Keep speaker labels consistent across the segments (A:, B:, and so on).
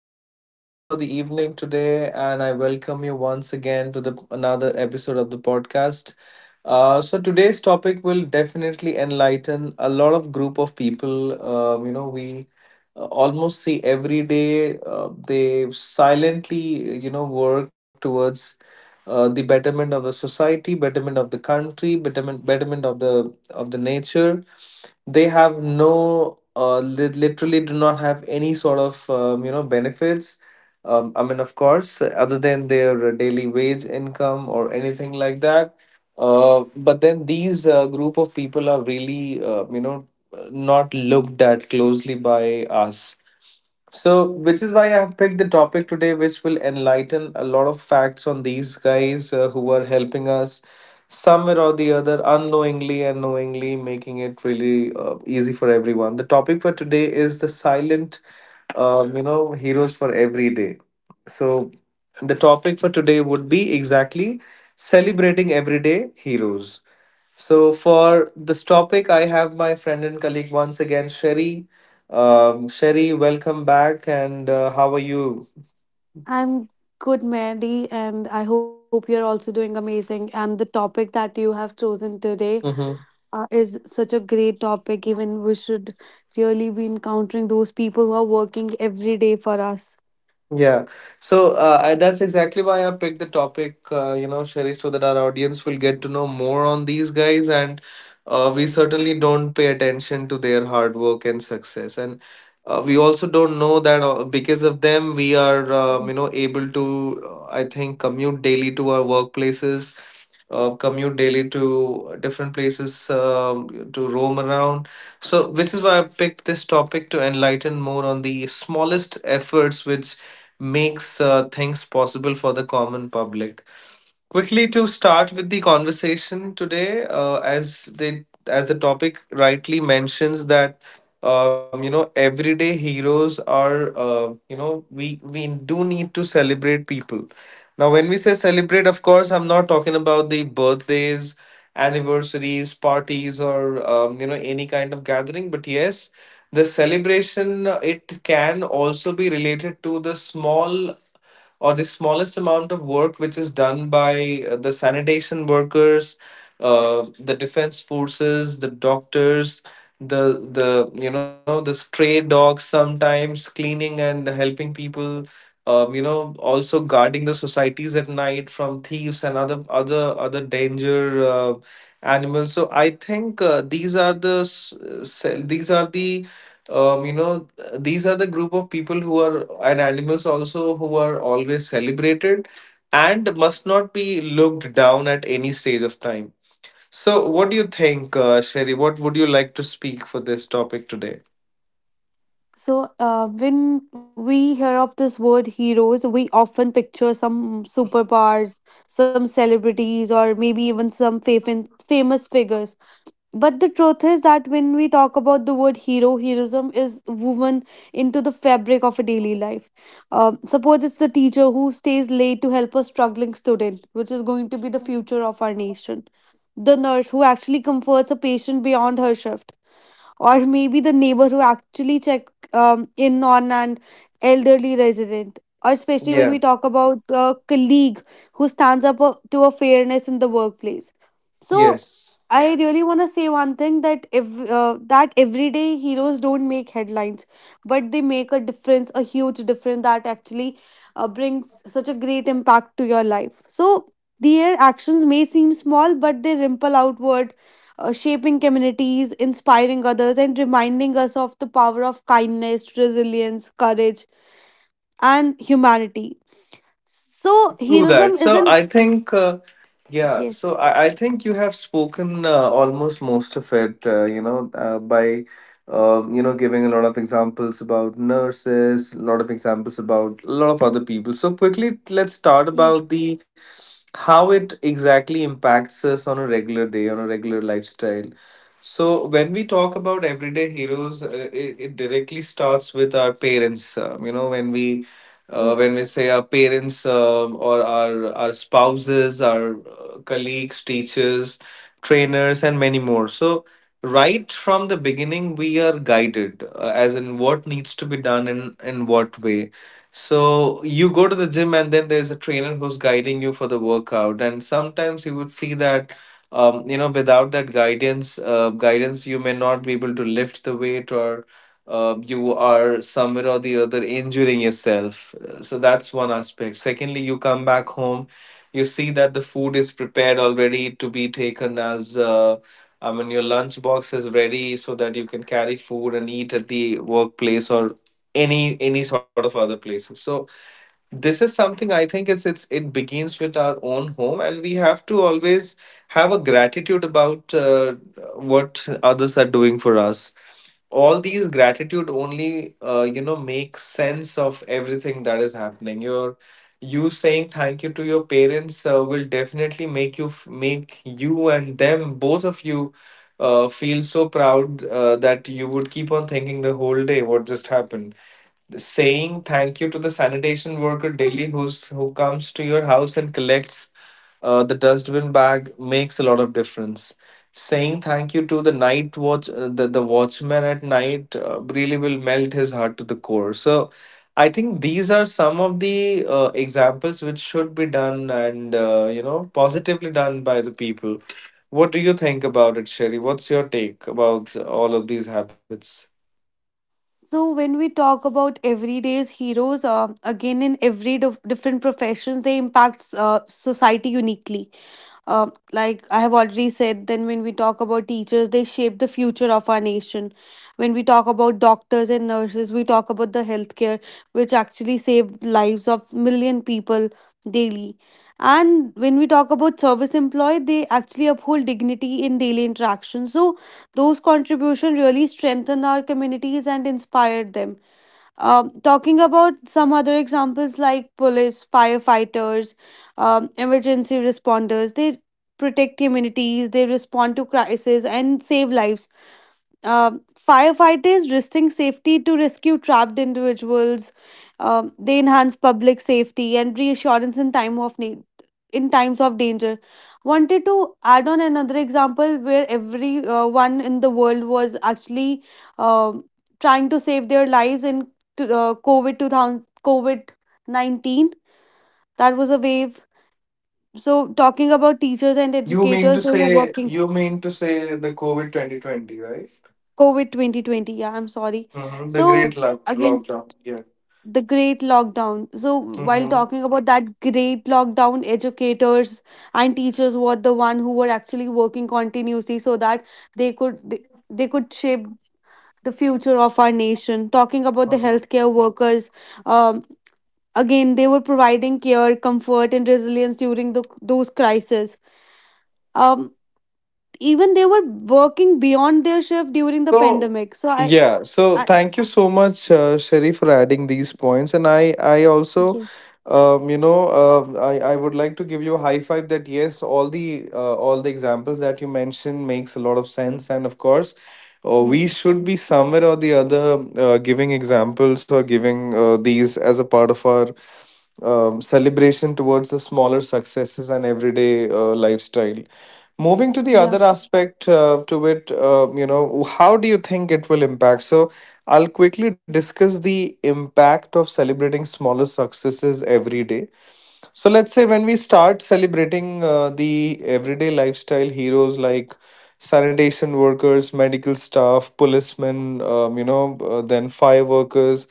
A: Madhav, your host for the evening today, and I welcome you once again to the another episode of the podcast. So today's topic will definitely enlighten a lot of group of people. We almost see every day. They silently, work towards the betterment of the society, betterment of the country, betterment of the nature. They have no, literally do not have any sort of benefits. I mean, of course, other than their daily wage income or anything like that. But then these group of people are really not looked at closely by us so, which is why I have picked the topic today, which will enlighten a lot of facts on these guys who are helping us somewhere or the other, unknowingly and knowingly, making it really easy for everyone. The topic for today is the silent, heroes for every day. So, the topic for today would be exactly celebrating everyday heroes. So for this topic, I have my friend and colleague once again, Sherry. Sherry, welcome back, and how are you?
B: I'm good, Mary, and I hope you're also doing amazing. And the topic that you have chosen today
A: Mhm.
B: is such a great topic. Even we should really be encountering those people who are working every day for us.
A: Yeah. So that's exactly why I picked the topic, Sherry, so that our audience will get to know more on these guys. And we certainly don't pay attention to their hard work and success. And we also don't know that because of them, we are,
B: Yes.
A: able to, I think, commute daily to our workplaces, commute daily to different places to roam around. So, which is why I picked this topic to enlighten more on the smallest efforts which makes things possible for the common public. Quickly to start with the conversation today, as the topic rightly mentions that everyday heroes are you know we do need to celebrate people. Now, when we say celebrate, of course, I'm not talking about the birthdays, anniversaries, parties, or any kind of gathering. But yes, the celebration it can also be related to the small or the smallest amount of work which is done by the sanitation workers, the defense forces, the doctors, the the you know the stray dogs sometimes cleaning and helping people. Also guarding the societies at night from thieves and other danger animals. So I think these are the s- s- these are the you know these are the group of people who are and animals also who are always celebrated and must not be looked down at any stage of time. So, what do you think, Sherry? What would you like to speak for this topic today?
B: So, when we hear of this word heroes, we often picture some superpowers, some celebrities, or maybe even some famous figures. But the truth is that when we talk about the word hero, heroism is woven into the fabric of a daily life. Suppose it's the teacher who stays late to help a struggling student, which is going to be the future of our nation. The nurse who actually comforts a patient beyond her shift, or maybe the neighbor who actually check in on an elderly resident, or especially when
A: Yeah.
B: we talk about a colleague who stands up to a fairness in the workplace. So
A: Yes.
B: I really want to say one thing, that if that everyday heroes don't make headlines, but they make a difference, a huge difference that actually brings such a great impact to your life. So their actions may seem small, but they ripple outward, shaping communities, inspiring others, and reminding us of the power of kindness, resilience, courage, and humanity. So,
A: True that.
B: heroism
A: So
B: isn't.
A: I think, yeah. So
B: Yes,
A: I think you have spoken almost most of it. By giving a lot of examples about nurses, a lot of examples about a lot of other people. So quickly, let's start about
B: yes.
A: the how it exactly impacts us on a regular day, on a regular lifestyle. So, when we talk about everyday heroes, it directly starts with our parents. When we say our parents or our spouses, our colleagues, teachers, trainers, and many more. So, right from the beginning, we are guided as in what needs to be done and in what way, so you go to the gym and then there's a trainer who's guiding you for the workout. And sometimes you would see that without that guidance you may not be able to lift the weight or you are somewhere or the other injuring yourself. So that's one aspect. Secondly, you come back home, you see that the food is prepared already to be taken as I mean, your lunch box is ready so that you can carry food and eat at the workplace or any sort of other places. So this is something, I think it begins with our own home, and we have to always have a gratitude about what others are doing for us. All these gratitude only make sense of everything that is happening. Your, you saying thank you to your parents will definitely make make you and them, both of you, feel so proud that you would keep on thinking the whole day what just happened. Saying thank you to the sanitation worker daily who comes to your house and collects the dustbin bag makes a lot of difference. Saying thank you to the night watch, the watchman at night, really will melt his heart to the core. So I think these are some of the examples which should be done, and positively done by the people. What do you think about it, Sherry? What's your take about all of these habits?
B: So when we talk about everyday's heroes, again in every different professions, they impact society uniquely. Like I have already said, then when we talk about teachers, they shape the future of our nation. When we talk about doctors and nurses, we talk about the healthcare, which actually save lives of million people daily. And when we talk about service employee, they actually uphold dignity in daily interaction. So those contributions really strengthened our communities and inspired them. Talking about some other examples like police, firefighters, emergency responders, they protect communities, they respond to crises and save lives. Um Firefighters risking safety to rescue trapped individuals. They enhance public safety and reassurance in time of need, in times of danger. Wanted to add on another example where every one in the world was actually um trying to save their lives in to COVID 2000 COVID 19. That was a wave. So talking about teachers and
A: You mean
B: educators,
A: to
B: they were
A: say,
B: working
A: you mean to say the COVID 2020, right?
B: COVID 2020. Yeah, I'm sorry.
A: Mm-hmm. The
B: So
A: great
B: again
A: lockdown. Yeah.
B: the great lockdown. So, while
A: Mm-hmm.
B: talking about that great lockdown, educators and teachers were the one who were actually working continuously so that they could they, they could shape the future of our nation. Talking about the healthcare workers, um, again they were providing care, comfort, and resilience during those crises. Um, Even they were working beyond their shift during the
A: So
B: pandemic. So
A: yeah, so
B: I
A: thank you so much, Sherry, for adding these points, and I also,
B: yes,
A: I would like to give you a high five that yes, all the examples that you mentioned makes a lot of sense, and of course. We
B: yes,
A: should be somewhere or the other giving examples or giving these as a part of our celebration towards the smaller successes and everyday lifestyle. Moving to the
B: yeah,
A: other aspect to it, how do you think it will impact? So, I'll quickly discuss the impact of celebrating smaller successes every day. So let's say when we start celebrating the everyday lifestyle heroes like sanitation workers, medical staff, policemen, then fire workers.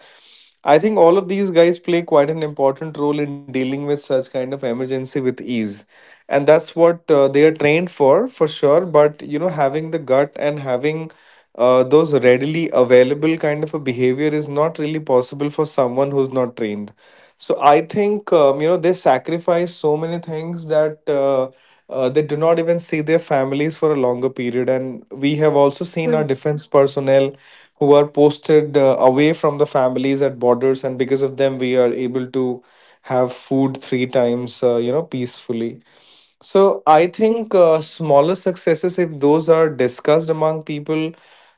A: I think all of these guys play quite an important role in dealing with such kind of emergency with ease. And that's what they are trained for sure. But, you know, having the gut and having those readily available kind of a behavior is not really possible for someone who's not trained. So I think they sacrifice so many things that they do not even see their families for a longer period. And we have also seen our
B: true,
A: defense personnel who are posted away from the families at borders, and because of them, we are able to have food three times, peacefully. So I think smaller successes, if those are discussed among people,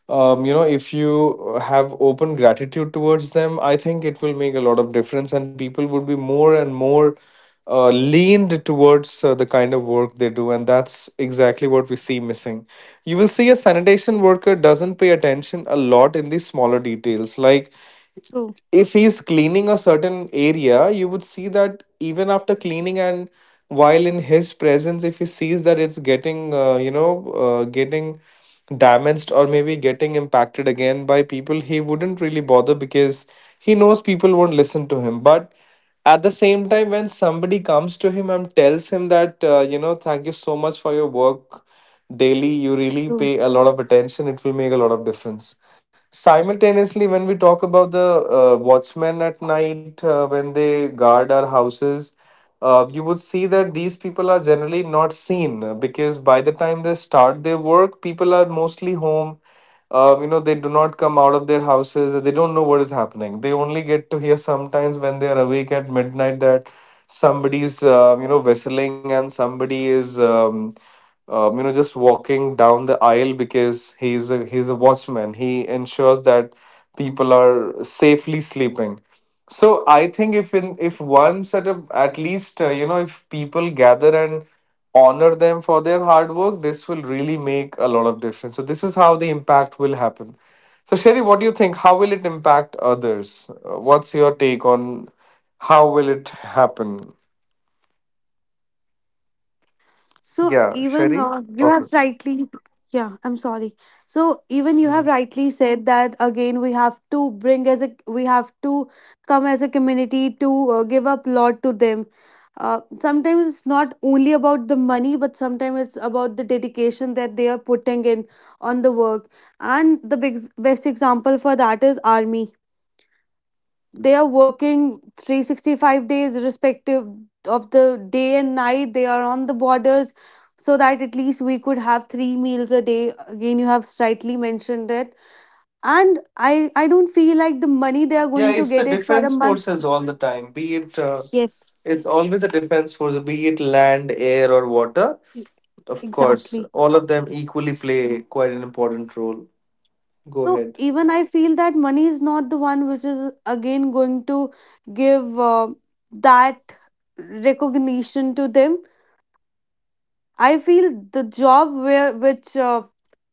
A: if you have open gratitude towards them, I think it will make a lot of difference, and people would be more and more leaned towards the kind of work they do, and that's exactly what we see missing. You will see a sanitation worker doesn't pay attention a lot in these smaller details. Like
B: true,
A: if he's cleaning a certain area, you would see that even after cleaning and while in his presence, if he sees that it's getting, getting damaged or maybe getting impacted again by people, he wouldn't really bother because he knows people won't listen to him. But at the same time, when somebody comes to him and tells him that, thank you so much for your work daily, you really
B: true.
A: pay a lot of attention, it will make a lot of difference. Simultaneously, when we talk about the watchmen at night, when they guard our houses, you would see that these people are generally not seen because by the time they start their work, people are mostly home. They do not come out of their houses, they don't know what is happening. They only get to hear sometimes when they are awake at midnight that somebody's whistling and somebody is just walking down the aisle, because he's a watchman, he ensures that people are safely sleeping. So I think if, in if one setup at least, if people gather and honor them for their hard work, this will really make a lot of difference. So this is how the impact will happen. So Sherry, what do you think, how will it impact others? What's your take on how will it happen?
B: So
A: Yeah,
B: even
A: Shari.
B: you have
A: Okay.
B: rightly, yeah, I'm sorry. So even you have
A: Mhm.
B: rightly said that again we have to come as a community to give up lot to them. Sometimes it's not only about the money, but sometimes it's about the dedication that they are putting in on the work. And the big best example for that is army. They are working 365 days, respective of the day and night they are on the borders, so that at least we could have three meals a day. Again you have slightly mentioned it, and I don't feel like the money they are
A: Yeah,
B: going to
A: it's
B: get
A: the
B: it for a
A: defense
B: month.
A: forces all the time. Be it
B: Yes,
A: it's always the defense force, be it land, air, or water.
B: e-
A: Of course,
B: exactly.
A: all of them equally play quite an important role. Go
B: So
A: ahead.
B: even I feel that money is not the one which is again going to give that recognition to them. I feel the job where which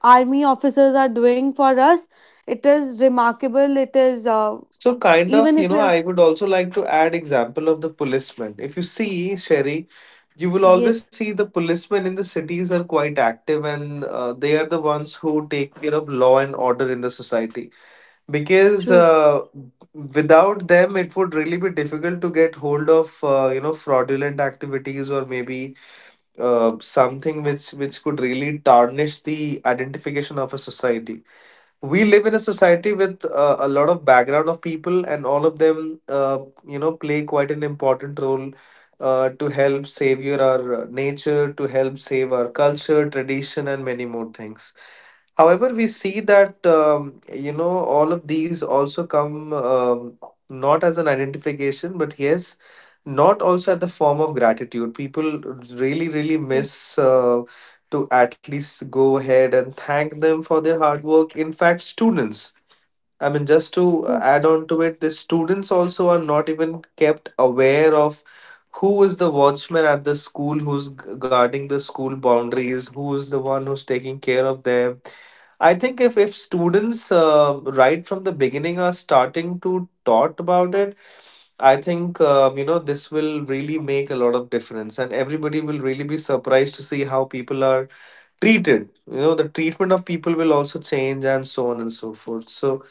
B: army officers are doing for us, it is remarkable. It is
A: So kind of,
B: even
A: you
B: if
A: know,
B: we are
A: I would also like to add example of the policeman. If you see, Sherry, you will always
B: yes,
A: see the policemen in the cities are quite active and they are the ones who take care of law and order in the society. Because
B: true,
A: Without them, it would really be difficult to get hold of, you know, fraudulent activities, or maybe something which could really tarnish the identification of a society. We live in a society with a lot of background of people, and all of them, you know, play quite an important role to help save your our nature, to help save our culture, tradition, and many more things. However, we see that you know, all of these also come, not as an identification, but yes, not also at the form of gratitude. People really really
B: true,
A: miss uh, to at least go ahead and thank them for their hard work. In fact, students, I mean, just to
B: true.
A: add on to it, the students also are not even kept aware of who is the watchman at the school, who's guarding the school boundaries, who is the one who's taking care of them. I think if students right from the beginning are starting to talk about it, I think you know, this will really make a lot of difference, and everybody will really be surprised to see how people are treated. You know, the treatment of people will also change and so on and so forth. So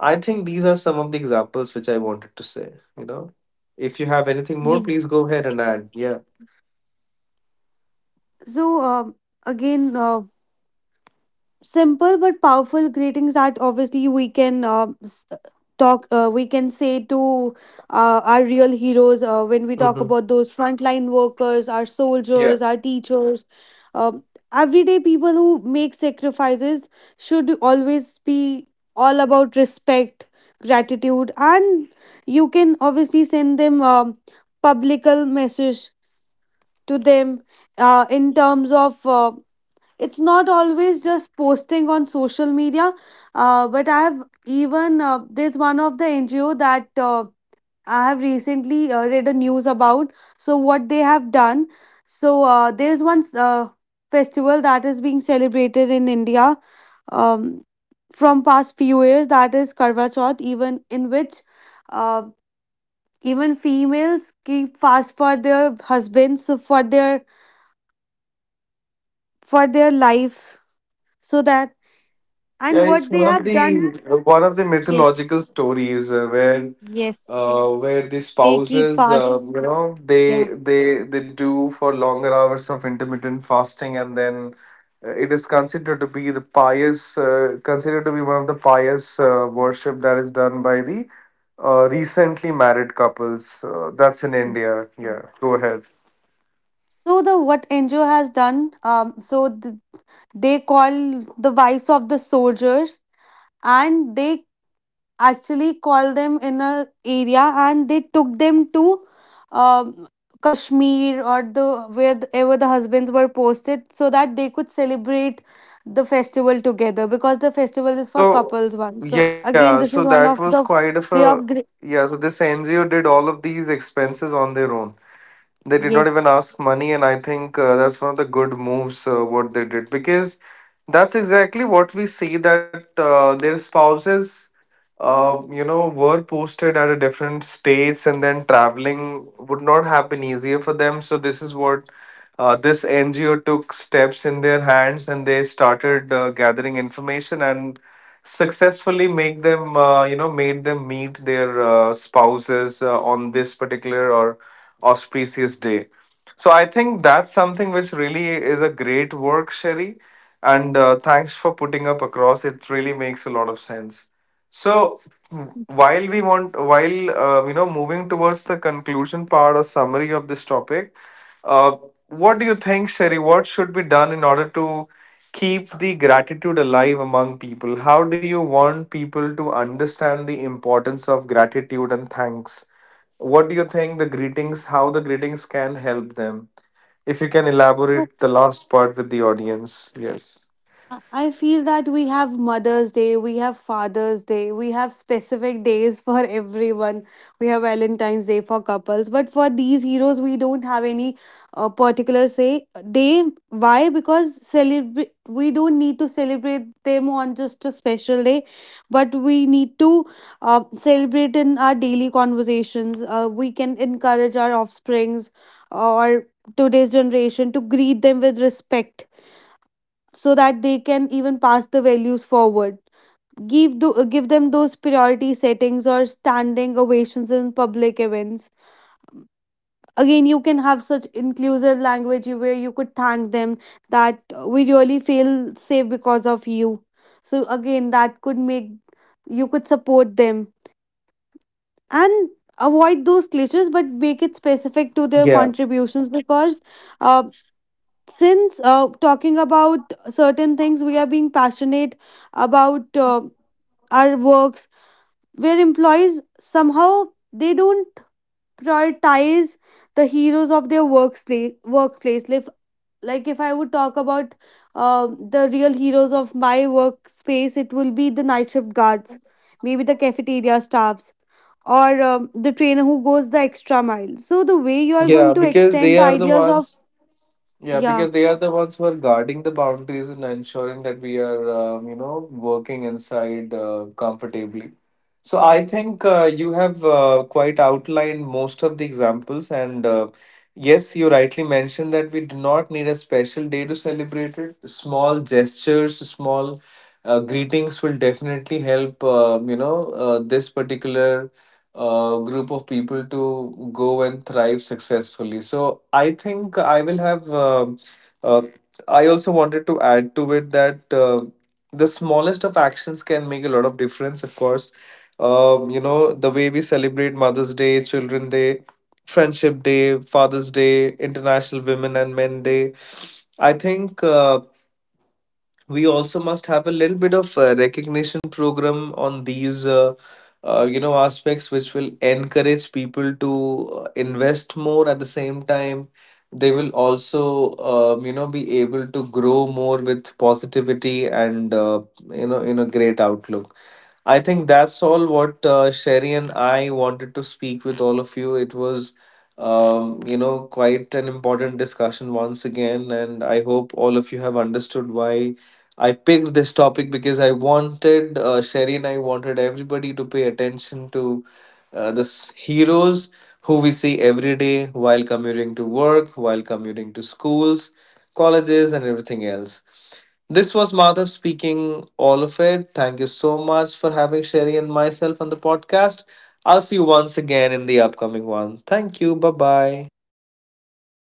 A: I think these are some of the examples which I wanted to say, you know. If you have anything more, please
B: Yes.
A: go ahead and add. Yeah.
B: So again, simple but powerful greetings that obviously we can talk we can say to our real heroes, when we talk
A: Hmm.
B: about those frontline workers, our
A: Yeah.
B: soldiers, our teachers, uh, everyday people who make sacrifices, should always be all about respect, gratitude, and you can obviously send them publical message to them in terms of it's not always just posting on social media. But I have even there's one of the NGO that I have recently read a news about. So what they have done. So there's one festival that is being celebrated in India, um, from past few years, that is Karva Chauth, even in which uh, even females keep fast for their husbands, so for their life, so that. And
A: Yeah, it's
B: what they
A: one of
B: have
A: the
B: done,
A: one of the
B: yes,
A: mythological stories,
B: yes,
A: where the
B: they keep
A: spouses,
B: fast.
A: you know, they
B: Yeah,
A: they they do for longer hours of intermittent fasting, and then it is considered to be the pious, considered to be one of the pious worship that is done by the recently married couples. That's in
B: yes.
A: India. Yeah, go ahead.
B: So the what NGO has done, so they call the wives of the soldiers, and they actually call them in a area, and they took them to, um, Kashmir, or the wherever the husbands were posted, so that they could celebrate the festival together because the festival is for
A: So
B: couples one. So
A: yeah, so
B: again, this is
A: that
B: one
A: was
B: of
A: quite
B: the
A: of a
B: way of. Great.
A: yeah. So this NGO did all of these expenses on their own. They did not even
B: Yes.
A: ask money, and I think that's one of the good moves what they did, because that's exactly what we see, that their spouses, you know, were posted at a different states, and then traveling would not have been easier for them. So this is what this NGO took steps in their hands, and they started gathering information and successfully make them, you know, made them meet their spouses on this particular or auspicious day. So I think that's something which really is a great work, Sherry. And thanks for putting up across. It really makes a lot of sense. So while we want, while you know, moving towards the conclusion part or summary of this topic, uh, what do you think, Sherry? What should be done in order to keep the gratitude alive among people? How do you want people to understand the importance of gratitude and thanks? What do you think the greetings, how the greetings can help them? If you can
B: So
A: elaborate the last part with the audience, yes.
B: I feel that we have Mother's Day, we have Father's Day, we have specific days for everyone. We have Valentine's Day for couples, but for these heroes, we don't have any particular say day. Why? Because celebrate we don't need to celebrate them on just a special day, but we need to celebrate in our daily conversations. We can encourage our offsprings or today's generation to greet them with respect, so that they can even pass the values forward. Give give them those priority settings or standing ovations in public events. Again you can have such inclusive language where you could thank them, that we really feel safe because of you. So again that could make you could support them, and avoid those cliches but make it specific to their
A: Yeah,
B: contributions. Because uh, since talking about certain things we are being passionate about our works, where employees somehow they don't prioritize the heroes of their workplace. Like if I would talk about uh, the real heroes of my workspace, it will be the night shift guards, maybe the cafeteria staffs, or the trainer who goes the extra mile. So the way you are going
A: yeah,
B: to
A: because
B: extend
A: they
B: the
A: are the
B: ideas of
A: ones. Yeah,
B: yeah
A: because they are the ones who are guarding the boundaries and ensuring that we are, you know, working inside comfortably. So I think you have quite outlined most of the examples, and yes, you rightly mentioned that we do not need a special day to celebrate it. Small gestures, small greetings will definitely help. You know, this particular group of people to go and thrive successfully. So I think I will have. Uh, I also wanted to add to it that. The smallest of actions can make a lot of difference, of course. You know, the way we celebrate Mother's Day, Children's Day, Friendship Day, Father's Day, International Women and Men Day. I think we also must have a little bit of recognition program on these, you know, aspects which will encourage people to invest more. At the same time, they will also, you know, be able to grow more with positivity and, you know, great outlook. I think that's all what Sherry and I wanted to speak with all of you. It was, you know, quite an important discussion once again, and I hope all of you have understood why I picked this topic, because I wanted Sherry and I wanted everybody to pay attention to the heroes who we see every day while commuting to work, while commuting to schools, colleges, and everything else. This was Madhav speaking all of it. Thank you so much for having Sherry and myself on the podcast. I'll see you once again in the upcoming one. Thank you. Bye bye.